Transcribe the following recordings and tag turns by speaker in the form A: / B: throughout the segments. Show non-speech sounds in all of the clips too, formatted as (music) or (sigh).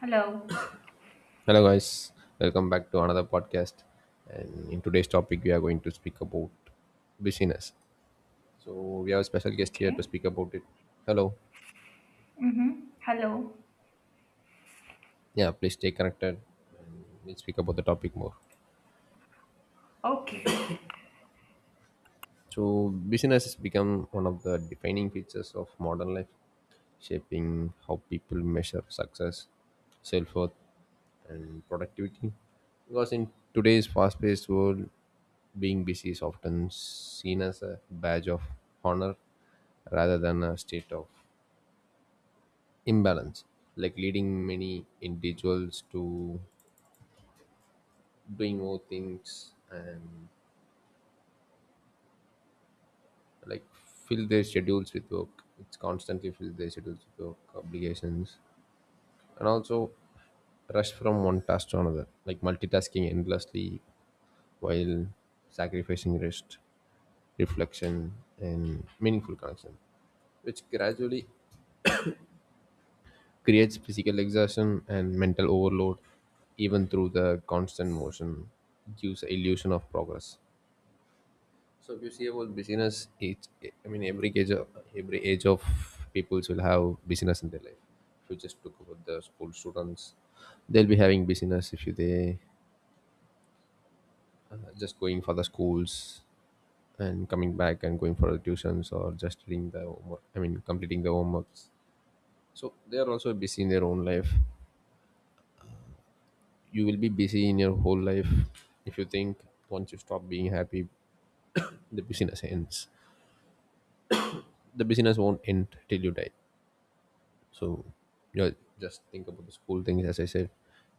A: Hello.
B: Hello, guys. Welcome back to another podcast. And in today's topic, we are going to speak about business. So we have a special guest here to
A: Okay.
B: speak about it. Hello.
A: Mm-hmm. Hello.
B: Yeah, please stay connected and let's speak about the topic more.
A: Okay.
B: So, business has become one of the defining features of modern life, shaping how people measure success, self worth, and productivity. Because in today's fast paced world, being busy is often seen as a badge of honor rather than a state of imbalance, like leading many individuals to doing more things and like fill their schedules with work. It's constantly fill their schedules with work obligations, and also rush from one task to another, like multitasking endlessly while sacrificing rest, reflection, and meaningful connection, which gradually creates physical exhaustion and mental overload, even through the constant motion, it gives the illusion of progress. So if you see about business, each every age of every age of peoples will have business in their life. If you just look about the school students, they'll be having business. If you they just going for the schools and coming back and going for the tuitions or just doing the homework. I mean completing the homeworks. So they are also busy in their own life. You will be busy in your whole life if you think once you stop being happy (coughs) the business ends. The business won't end till you die. So yeah, just think about the school things. As I said,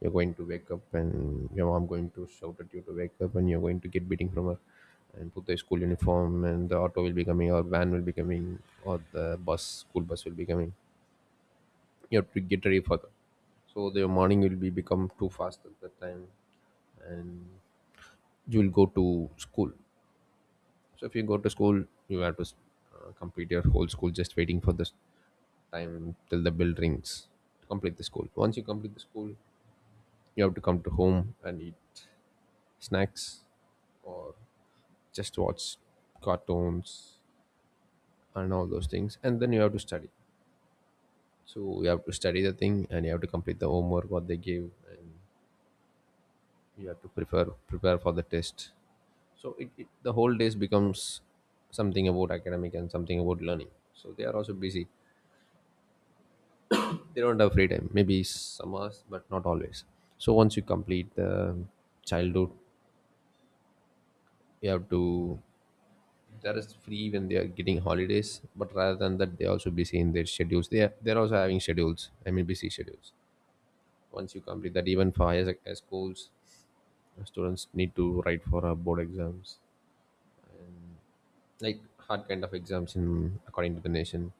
B: you're going to wake up and your mom going to shout at you to wake up, and you're going to get beating from her, and put the school uniform, and the auto will be coming, or van will be coming, or the bus, school bus will be coming. You have to get ready for that. So the morning will be become too fast at that time, and you will go to school. So if you go to school, you have to complete your whole school just waiting for this time till the bell rings to complete the school. Once you complete the school, you have to come to home and eat snacks or just watch cartoons and all those things. And then you have to study. So you have to study the thing and you have to complete the homework what they give and you have to prepare for the test. So it the whole days becomes something about academic and something about learning. So they are also busy. They don't have free time. Maybe some hours, but not always. So once you complete the childhood, you have to there is free when they are getting holidays, but rather than that, they also busy in their schedules. They're also having schedules. I mean, busy schedules. Once you complete that, even for higher sec- schools, students need to write for board exams, like hard kind of exams in according to the nation.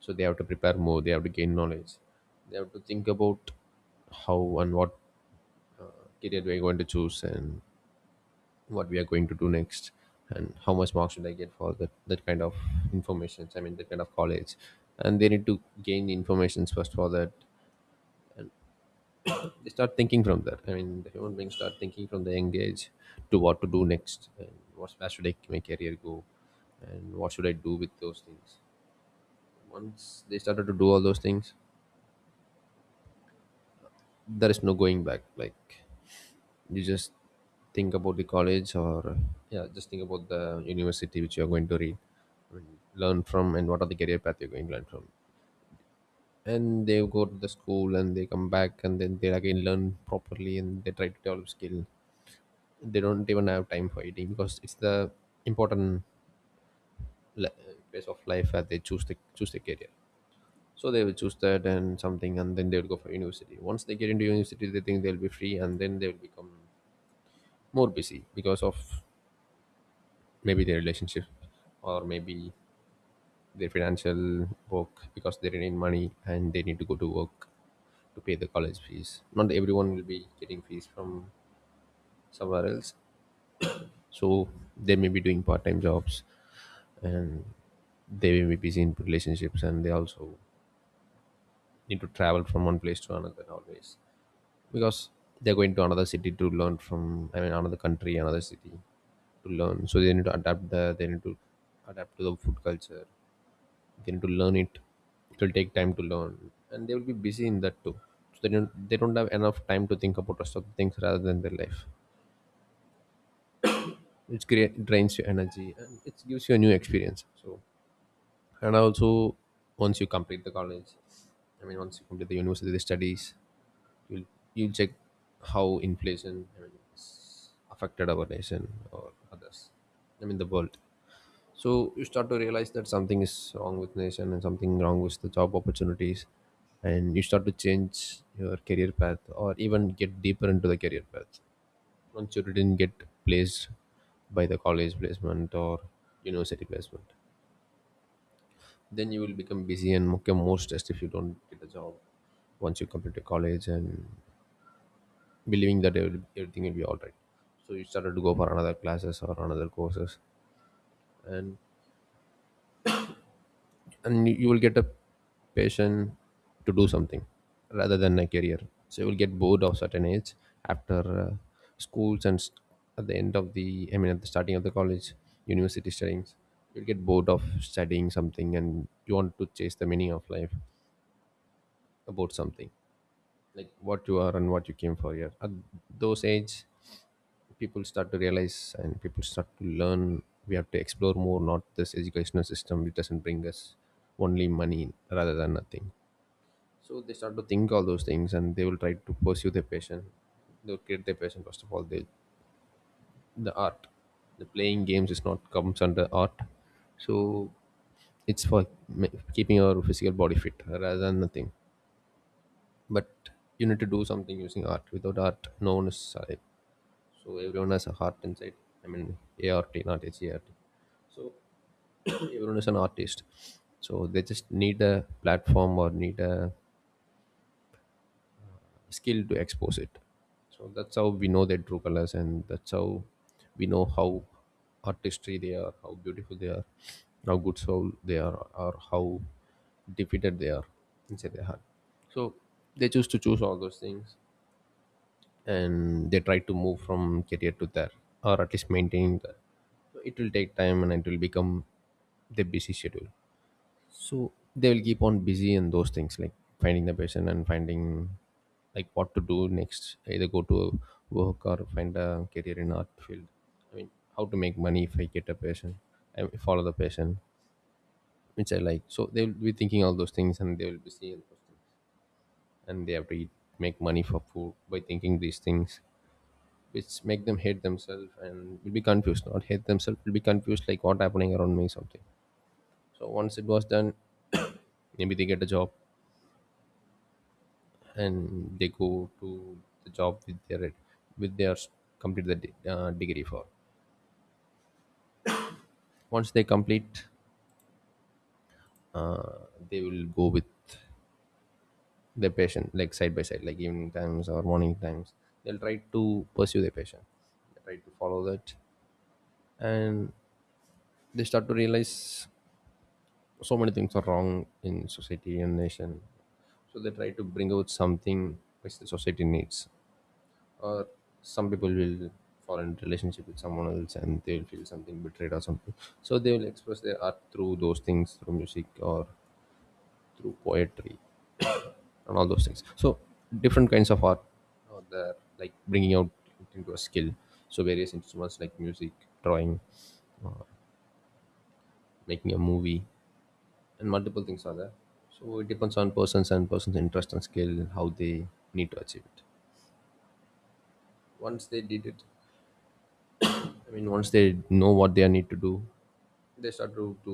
B: So they have to prepare more. They have to gain knowledge. They have to think about how and what uh, career they're going to choose and what we are going to do next and how much marks should I get for that, that kind of information. I mean that kind of college and they need to gain the information first for that they start thinking from that, the human beings start thinking from the young age to what to do next and what's where should I my career go and what should I do with those things once they started to do all those things there is no going back like you just think about the college or yeah just think about the university which you're going to read and learn from and what are the career path you're going to learn from and they go to the school and they come back and then they again learn properly and they try to develop skill. They don't even have time for eating because it's the important le- phase of life that they choose the career. So they will choose that and something and then they will go for university. Once they get into university they think they'll be free and then they will become more busy because of maybe their relationship or maybe their financial work because they need money and they need to go to work to pay the college fees. Not everyone will be getting fees from somewhere else. So they may be doing part time jobs and they may be busy in relationships and they also need to travel from one place to another always because they're going to another city to learn from, I mean, another country, another city to learn. So they need to adapt there, they need to adapt to the food culture, they need to learn it, it will take time to learn and they will be busy in that too. So they don't have enough time to think about rest of the things rather than their life. It create drains your energy and it gives you a new experience. So and also once you complete the college, I mean once you complete the university studies, you'll you'll check how inflation, I mean, it's affected our nation or others, I mean the world. So you start to realize that something is wrong with nation and something wrong with the job opportunities, and you start to change your career path or even get deeper into the career path. Once you didn't get placed by the college placement or university placement, then you will become busy and become more stressed if you don't get a job once you complete your college and believing that every- everything will be all right. So you started to go for another classes or another courses, and you will get a passion to do something rather than a career. So you will get bored of certain age after schools and st- at the end of the at the starting of the college university studyings you'll get bored of studying something and you want to chase the meaning of life about something like what you are and what you came for here at those age people start to realize and people start to learn we have to explore more not this educational system which doesn't bring us only money rather than nothing. So they start to think all those things and they will try to pursue their passion. They'll create their passion first of all. They, the art, the playing games is not comes under art. So it's for ma- keeping your physical body fit rather than nothing. But you need to do something using art. Without art, no one is alive. So everyone has a heart inside. I mean, ART, not HART. So (clears throat) everyone is an artist. So they just need a platform or need a skill to expose it. So that's how we know their true colors and that's how we know how artistry they are, how beautiful they are, how good soul they are or how defeated they are inside their heart. So they choose all those things and they try to move from career to that or at least maintain that. So it will take time and it will become the busy schedule. So they will keep on busy in those things like finding the person and finding like what to do next either go to work or find a career in art field. I mean how to make money if I get a passion, I follow the passion which I like. So they will be thinking all those things and they will be seeing those things and they have to eat, make money for food by thinking these things which make them hate themselves and will be confused, not hate themselves, will be confused like what happening around me something. So once it was done (coughs) (clears throat) maybe they get a job and they go to the job with their with their complete the de- degree for once they complete uh, they will go with their patient like side by side like evening times or morning times they'll try to pursue their patient, they try to follow that and they start to realize so many things are wrong in society and nation. So they try to bring out something which the society needs or some people will fall in relationship with someone else and they will feel something betrayed or something. So they will express their art through those things, through music or through poetry and all those things. So different kinds of art are there like bringing out it into a skill. So various instruments like music, drawing or making a movie and multiple things are there. So it depends on persons and person's interest and skill how They need to achieve it. Once they did it, I mean, once they know what they need to do, they start to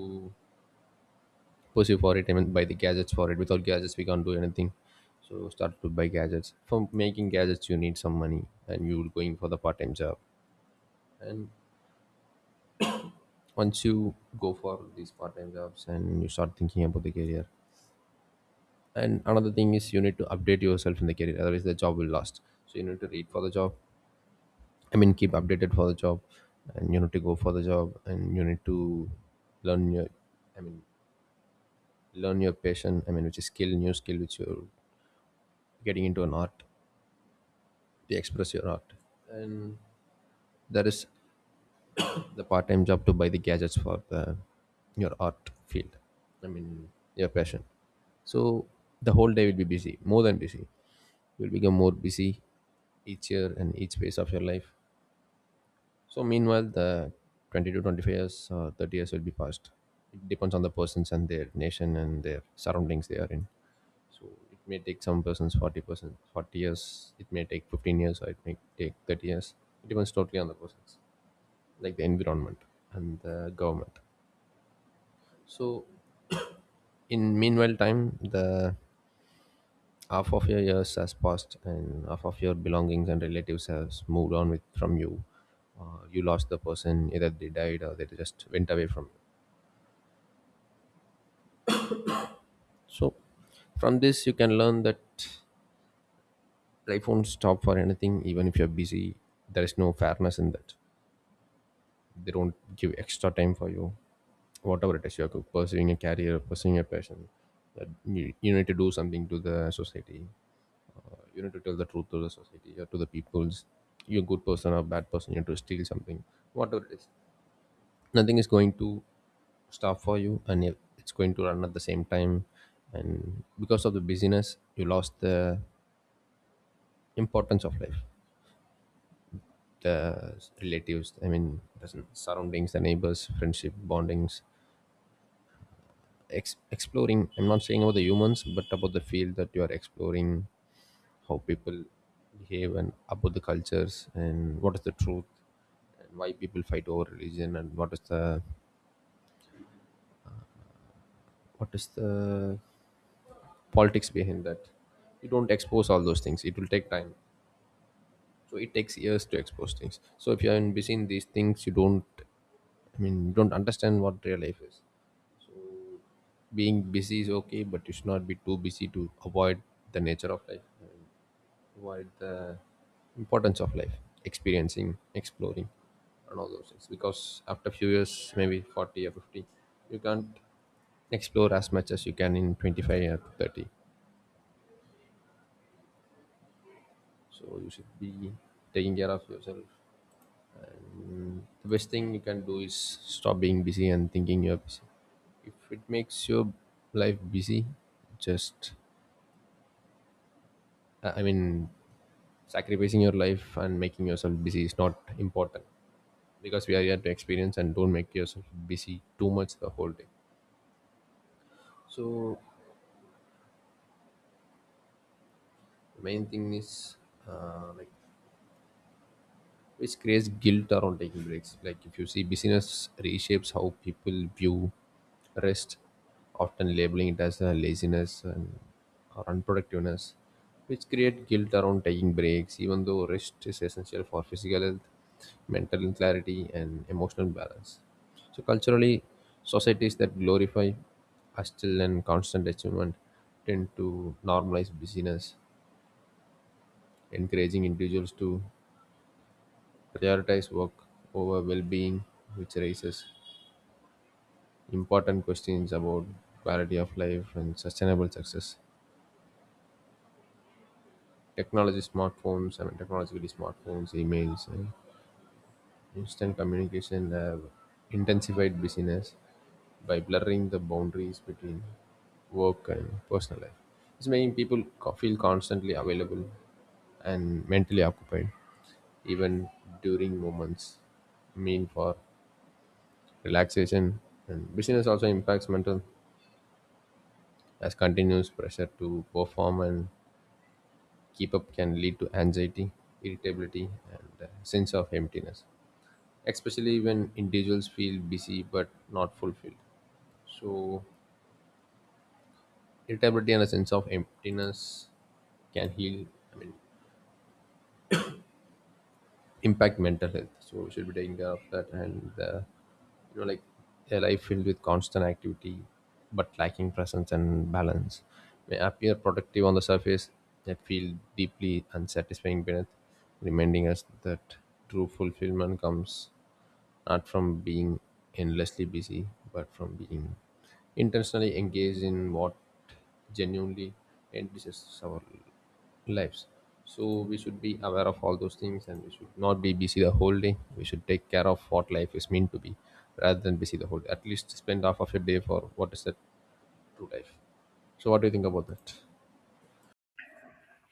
B: pursue for it. I mean, buy the gadgets for it. Without gadgets, we can't do anything. So start to buy gadgets. For making gadgets, you need some money, and you're going for the part-time job. And once you go for these part-time jobs, and you start thinking about the career. And another thing is you need to update yourself in the career. Otherwise, the job will last. So you need to read for the job. I mean, keep updated for the job, and you need to go for the job, and you need to learn your. I mean, learn your passion. I mean, which is skill, new skill, which you getting into an art to express your art, and that is the part-time job to buy the gadgets for your art field. I mean, your passion. So the whole day will be busy, more than busy. You'll become more busy each year and each phase of your life. So meanwhile, the 20 to 25 years or 30 years will be passed. It depends on the persons and their nation and their surroundings they are in. So it may take some persons 40 years. It may take 15 years, or it may take 30 years. It depends totally on the persons, like the environment and the government. So (coughs) in meanwhile time, the half of your years has passed, and half of your belongings and relatives has moved on with from you. You lost the person, either they died or they just went away from you. So from this you can learn that life won't stop for anything, even if you're busy. There is no fairness in that. They don't give extra time for you. Whatever it is, you're pursuing a career, pursuing a passion. That you need to do something to the society. You need to tell the truth to the society or to the peoples. You're a good person or bad person, you need to steal something. Whatever it is, nothing is going to stop for you, and it's going to run at the same time. And because of the busyness, you lost the importance of life, the relatives, I mean, the surroundings, the neighbors, friendship bondings. Exploring. I'm not saying about the humans, but about the field that you are exploring. How people behave, and about the cultures, and what is the truth, and why people fight over religion, and what is the what is the politics behind that. You don't expose all those things, it will take time. So it takes years to expose things. So if you are in busy in these things, you don't, I mean, you don't understand what real life is. Being busy is okay, but you should not be too busy to avoid the nature of life. What the importance of life, experiencing, exploring, and all those things. Because after few years, maybe 40 or 50, you can't explore as much as you can in 25 or 30. So you should be taking care of yourself. The best thing you can do is stop being busy and thinking you're busy. If it makes your life busy, just I mean, sacrificing your life and making yourself busy is not important, because we are here to experience, and don't make yourself busy too much the whole day. So main thing is, like, which creates guilt around taking breaks. Like if you see, business reshapes how people view rest, often labeling it as a laziness and or unproductiveness, which create guilt around taking breaks, even though rest is essential for physical health, mental clarity, and emotional balance. So culturally, societies that glorify hustle and constant achievement tend to normalize busyness, encouraging individuals to prioritize work over well-being, which raises important questions about quality of life and sustainable success. Technology smartphones I mean Technologically, smartphones, emails, and instant communication have intensified busyness by blurring the boundaries between work and personal life. It's making people feel constantly available and mentally occupied, even during moments mean for relaxation. And busyness also impacts mental, as continuous pressure to perform and keep up can lead to anxiety, irritability, and a sense of emptiness, especially when individuals feel busy but not fulfilled. So, irritability and a sense of emptiness can heal. I mean, impact mental health. So we should be taking care of that, and you know, like, a life filled with constant activity, but lacking presence and balance, may appear productive on the surface, yet feel deeply unsatisfying beneath, reminding us that true fulfillment comes not from being endlessly busy, but from being intentionally engaged in what genuinely enriches our lives. So we should be aware of all those things, and we should not be busy the whole day. We should take care of what life is meant to be rather than busy the whole day. At least spend half of your day for what is that true life. So what do you think about that?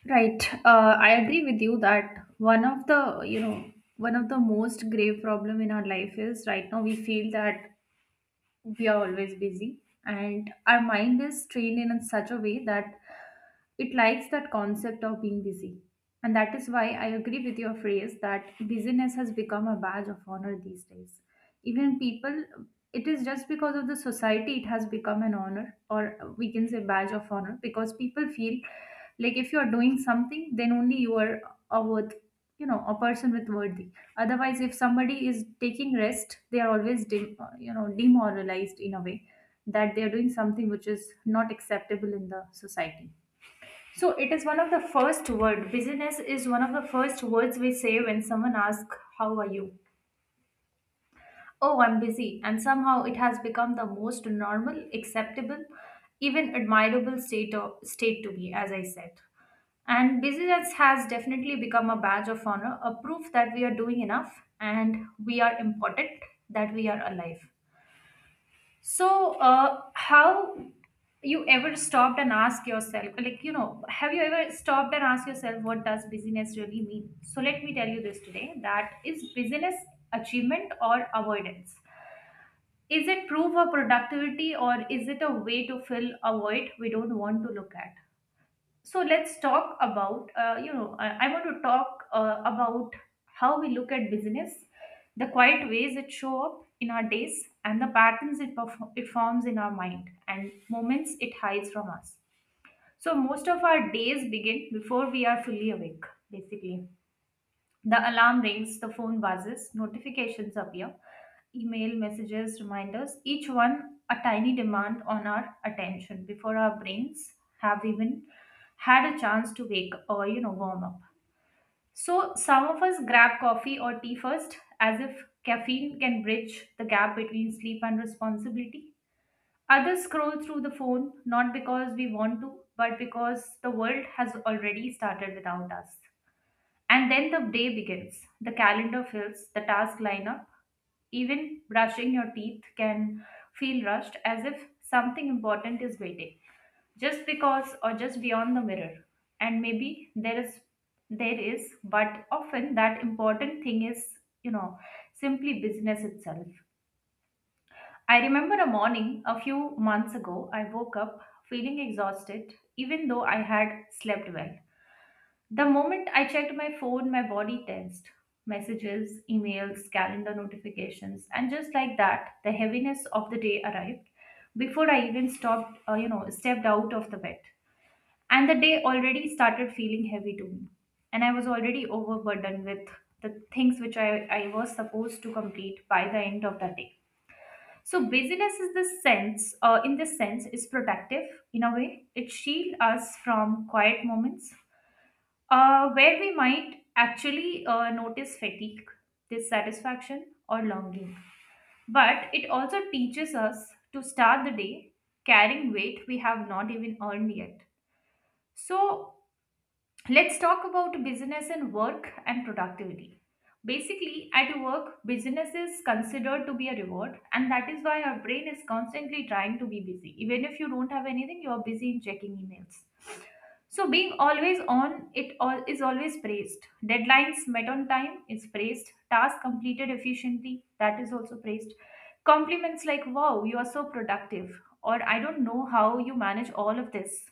A: Right. I agree with you that one of the most grave problem in our life is right now we feel that we are always busy and our mind is trained in such a way that it likes that concept of being busy. And that is why I agree with your phrase that busyness has become a badge of honor these days. Even people, it is just because of the society, it has become an honor, or we can say badge of honor, because people feel like if you are doing something, then only you are a worth, you know, a person with worthy. Otherwise, if somebody is taking rest, they are always, you know, demoralized in a way that they are doing something which is not acceptable in the society. So it is one of the first word. Busyness is one of the first words we say when someone asks, how are you? Oh, I'm busy. And somehow it has become the most normal, acceptable, even admirable state, state to be, as I said. And busyness has definitely become a badge of honor, a proof that we are doing enough and we are important, that we are alive. So, how you ever stopped and asked yourself, like, you know, have you ever stopped and asked yourself, what does busyness really mean? So, let me tell you this today, that is busyness achievement or avoidance? Is it proof of productivity or is it a way to fill a void we don't want to look at? So let's talk about I want to talk about how we look at business, the quiet ways it show up in our days and the patterns it forms in our mind and moments it hides from us. So most of our days begin before we are fully awake, basically. The alarm rings, the phone buzzes, notifications appear, email messages, reminders, each one a tiny demand on our attention before our brains have even had a chance to wake or, you know, warm up. So some of us grab coffee or tea first as if caffeine can bridge the gap between sleep and responsibility. Others scroll through the phone not because we want to but because the world has already started without us. And then the day begins. The calendar fills, the tasks line up. Even brushing your teeth can feel rushed as if something important is waiting, just because or just beyond the mirror. And maybe there is, but often that important thing is, you know, simply business itself. I remember a morning a few months ago, I woke up feeling exhausted, even though I had slept well. The moment I checked my phone, my body tensed. Messages, emails, calendar notifications, and just like that, the heaviness of the day arrived before I even you know, stepped out of the bed. And the day already started feeling heavy to me. And I was already overburdened with the things which I was supposed to complete by the end of the day. So busyness in this sense, is protective in a way. It shields us from quiet moments where we might actually notice fatigue, dissatisfaction, or longing. But it also teaches us to start the day carrying weight we have not even earned yet. So let's talk about business and work and productivity. Basically, at work, business is considered to be a reward, and that is why our brain is constantly trying to be busy. Even if you don't have anything, you are busy in checking emails. So being always on it all is always praised. Deadlines met on time is praised. Task completed efficiently, that is also praised. Compliments like, wow, you are so productive, or, I don't know how you manage all of this,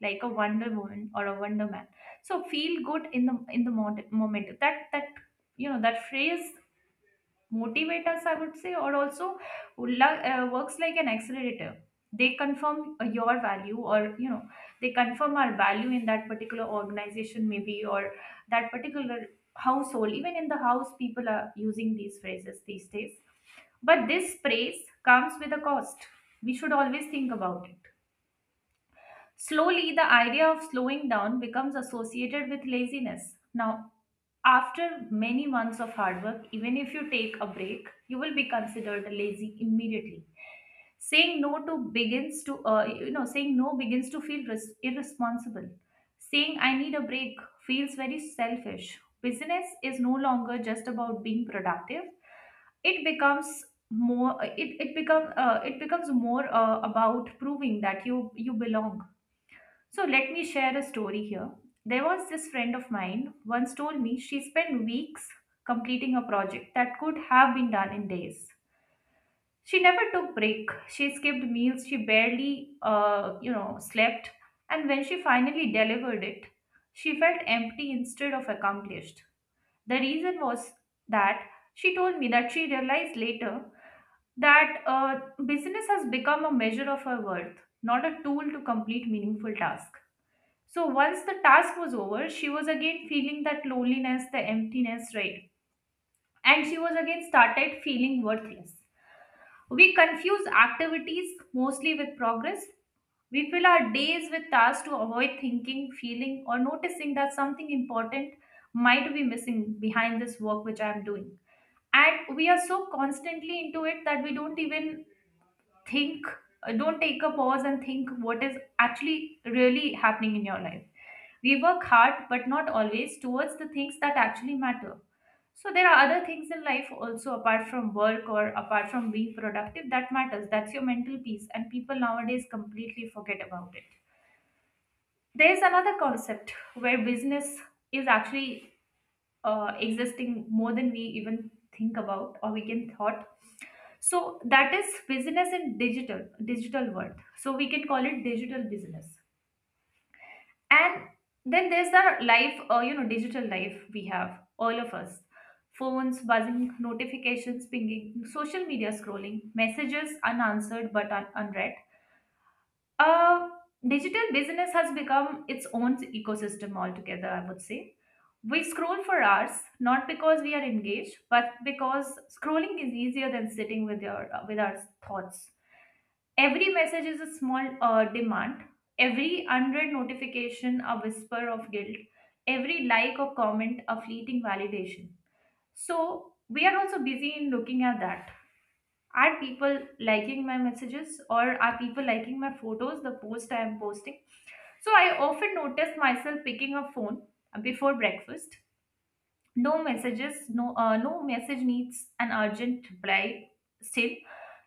A: like a wonder woman or a wonder man. So feel good in the moment that you know, that phrase motivate us, I would say, or also works like an accelerator. They confirm your value or you know They confirm our value in that particular organization, maybe, or that particular household. Even in the house people are using these phrases these days. But this praise comes with a cost, we should always think about it. Slowly, the idea of slowing down becomes associated with laziness. Now, after many months of hard work, even if you take a break, you will be considered lazy immediately. Saying no to begins to, you know, saying no begins to irresponsible. Saying I need a break feels very selfish. Business is no longer just about being productive. It becomes more. It becomes more about proving that you belong. So let me share a story here. There was this friend of mine once told me she spent weeks completing a project that could have been done in days. She never took break. She skipped meals. She barely, you know, slept. And when she finally delivered it, she felt empty instead of accomplished. The reason was that she told me that she realized later that business has become a measure of her worth, not a tool to complete meaningful tasks. So once the task was over, she was again feeling that loneliness, the emptiness, right? And she was again started feeling worthless. We confuse activities mostly with progress. We fill our days with tasks to avoid thinking, feeling, or noticing that something important might be missing behind this work which I am doing. And we are so constantly into it that we don't even think, don't take a pause and think what is actually really happening in your life. We work hard, but not always, towards the things that actually matter. So there are other things in life also apart from work or apart from being productive that matters. That's your mental peace, and people nowadays completely forget about it. There's another concept where business is actually existing more than we even think about or we can thought. So that is business in digital world. So we can call it digital business. And then there's our life, you know, digital life. We have all of us phones buzzing, notifications pinging, social media scrolling, messages unanswered but unread. uh, Digital business has become its own ecosystem altogether, I would say. We scroll for hours not because we are engaged but because scrolling is easier than sitting with your with our thoughts. Every message is a small demand. Every unread notification, a whisper of guilt. Every like or comment, a fleeting validation. So, we are also busy in looking at that. Are people liking my messages or are people liking my photos, the post I am posting? So, I often notice myself picking a phone before breakfast. No messages, no message needs an urgent reply, still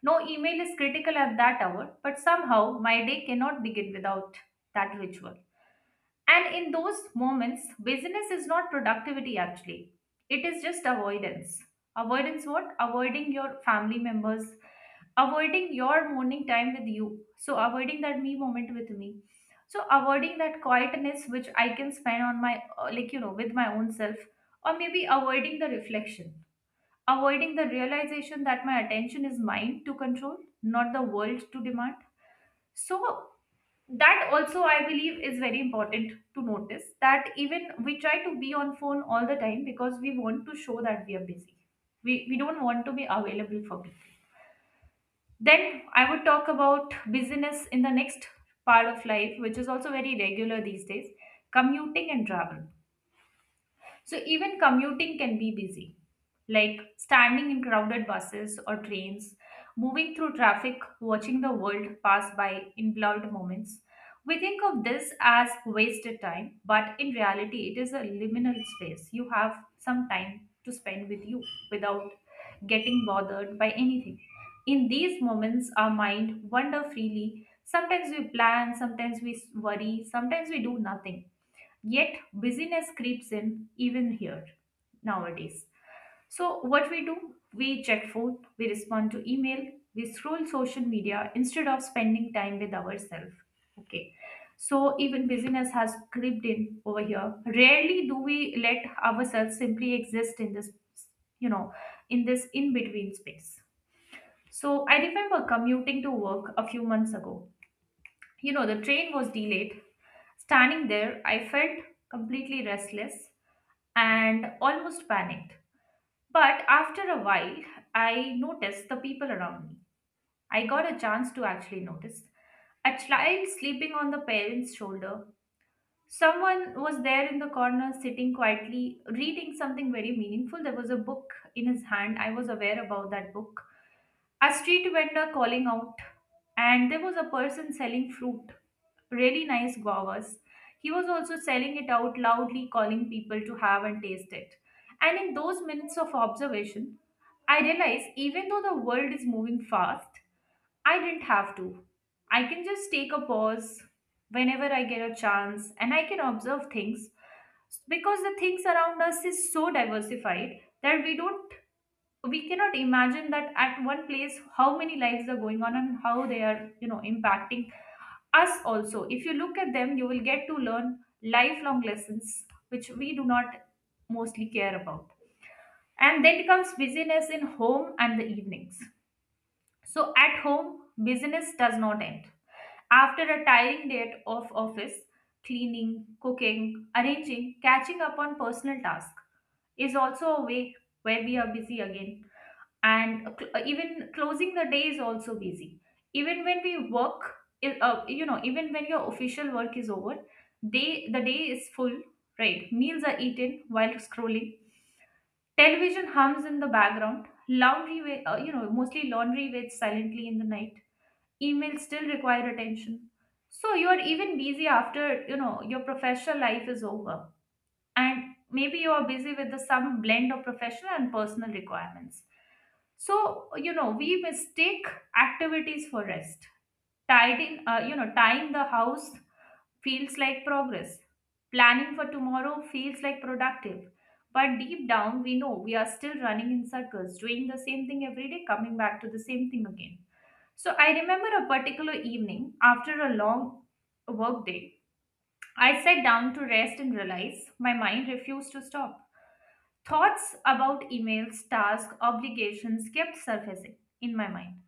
A: no email is critical at that hour, but somehow my day cannot begin without that ritual. And in those moments, busyness is not productivity actually. It is just avoidance. Avoidance what? Avoiding your family members, avoiding your morning time with you. So, avoiding that me moment with me. So, avoiding that quietness which I can spend on my, like, you know, with my own self. Or maybe avoiding the reflection, avoiding the realization that my attention is mine to control, not the world to demand. So, that also I believe is very important to notice that even we try to be on phone all the time because we want to show that we are busy, we don't want to be available for people. Then I would talk about busyness in the next part of life which is also very regular these days: commuting and travel. So even commuting can be busy, like standing in crowded buses or trains, moving through traffic, watching the world pass by in blurred moments. We think of this as wasted time, but in reality, it is a liminal space. You have some time to spend with you without getting bothered by anything. In these moments, our mind wander freely. Sometimes we plan, sometimes we worry, sometimes we do nothing. Yet busyness creeps in even here nowadays. So what we do, we check phone, we respond to email, we scroll social media instead of spending time with ourselves. Okay. So even busyness has crept in over here. Rarely do we let ourselves simply exist in this, you know, in this in-between space. So I remember commuting to work a few months ago. You know, the train was delayed. Standing there, I felt completely restless and almost panicked. But after a while, I noticed the people around me. I got a chance to actually notice a child sleeping on the parent's shoulder. Someone was there in the corner, sitting quietly, reading something very meaningful. There was a book in his hand. I was aware about that book, a street vendor calling out, and there was a person selling fruit, really nice guavas. He was also selling it out loudly, calling people to have and taste it. And in those minutes of observation, I realized even though the world is moving fast, I didn't have to. I can just take a pause whenever I get a chance, and I can observe things because the things around us is so diversified that we don't so, we cannot imagine that at one place how many lives are going on and how they are, impacting us also. If you look at them, you will get to learn lifelong lessons which we do not mostly care about. And then comes busyness in home and the evenings. So at home, business does not end after a tiring day of office. Cleaning, cooking, arranging, catching up on personal tasks is also a way where we are busy again. And even closing the day is also busy. Even when we work, even when your official work is over, day the day is full, right? Meals are eaten while scrolling, television hums in the background, mostly laundry waits silently in the night, emails still require attention. So you are even busy after, your professional life is over. And maybe you are busy with the some blend of professional and personal requirements. So, we mistake activities for rest. Tidying tying the house feels like progress. Planning for tomorrow feels like productive, but deep down we know we are still running in circles, doing the same thing every day, coming back to the same thing again. So I remember a particular evening after a long workday. I sat down to rest and realize my mind refused to stop. Thoughts about emails, tasks, obligations kept surfacing in my mind.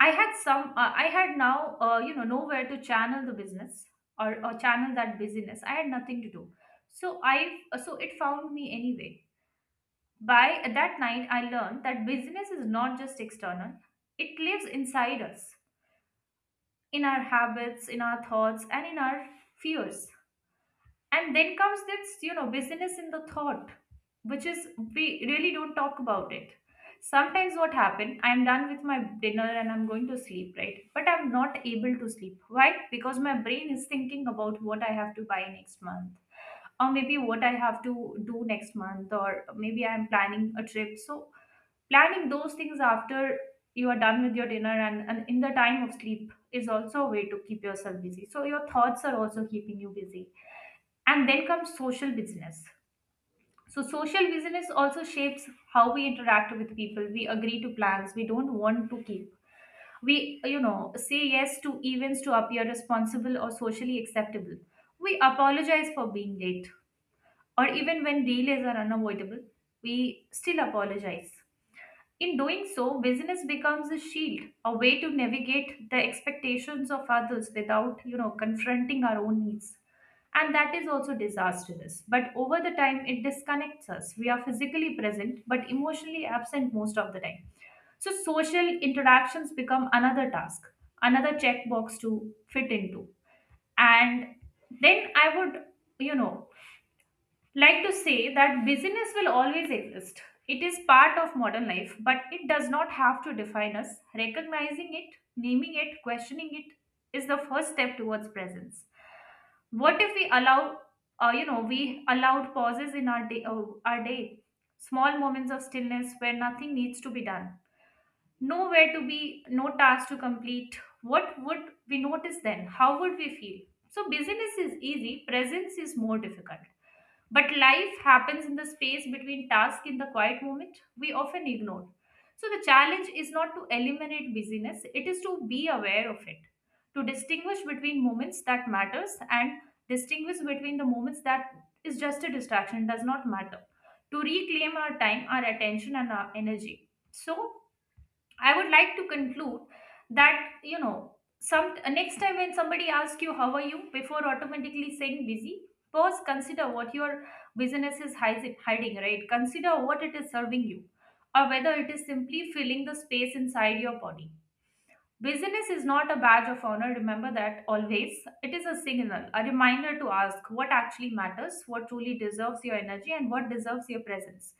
A: I had some. I had now, nowhere to channel the business or channel that busyness. I had nothing to do, so I so it found me anyway. By that night, I learned that busyness is not just external; it lives inside us, in our habits, in our thoughts, and in our fears. And then comes this, busyness in the thought, which is we really don't talk about it. Sometimes what happen, I'm done with my dinner and I'm going to sleep, right? But I'm not able to sleep. Why? Because my brain is thinking about what I have to buy next month, or maybe what I have to do next month, or maybe I'm planning a trip. So planning those things after you are done with your dinner and in the time of sleep is also a way to keep yourself busy. So your thoughts are also keeping you busy. And then comes social business. So, social business also shapes how we interact with people. We agree to plans we don't want to keep. We, say yes to events to appear responsible or socially acceptable. We apologize for being late, or even when delays are unavoidable, we still apologize. In doing so, business becomes a shield, a way to navigate the expectations of others without, confronting our own needs. And that is also disastrous. But over the time, it disconnects us. We are physically present, but emotionally absent most of the time. So social interactions become another task, another checkbox to fit into. And then I would, you know, like to say that busyness will always exist. It is part of modern life, but it does not have to define us. Recognizing it, naming it, questioning it is the first step towards presence. What if we allow, we allowed pauses in our our day, small moments of stillness where nothing needs to be done, nowhere to be, no task to complete. What would we notice then? How would we feel? So busyness is easy, presence is more difficult. But life happens in the space between tasks, in the quiet moment we often ignore. So the challenge is not to eliminate busyness, it is to be aware of it, to distinguish between moments that matters, and distinguish between the moments that is just a distraction, does not matter. To reclaim our time, our attention and our energy. So I would like to conclude that, some next time when somebody asks you how are you, before automatically saying busy, pause, consider what your business is hiding, right? Consider what it is serving you, or whether it is simply filling the space inside your body. Business is not a badge of honor, remember that always. It is a signal, a reminder to ask what actually matters, what truly deserves your energy, and what deserves your presence,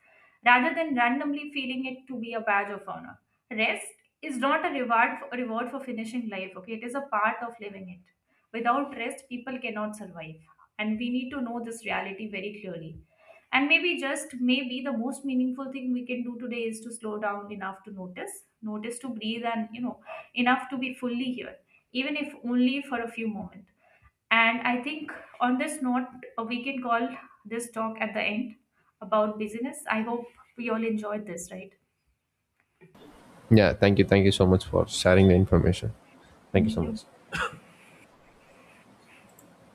A: rather than randomly feeling it to be a badge of honor. Rest is not a reward, a reward for finishing life. Okay, it is a part of living it. Without rest, people cannot survive, and we need to know this reality very clearly. And maybe, just maybe, the most meaningful thing we can do today is to slow down enough to notice, notice to breathe, and, enough to be fully here, even if only for a few moments. And I think on this note, we can call this talk at the end about busyness. I hope we all enjoyed this, right?
B: Yeah, thank you. Thank you so much for sharing the information. Thank you so
A: Thank you.
B: much.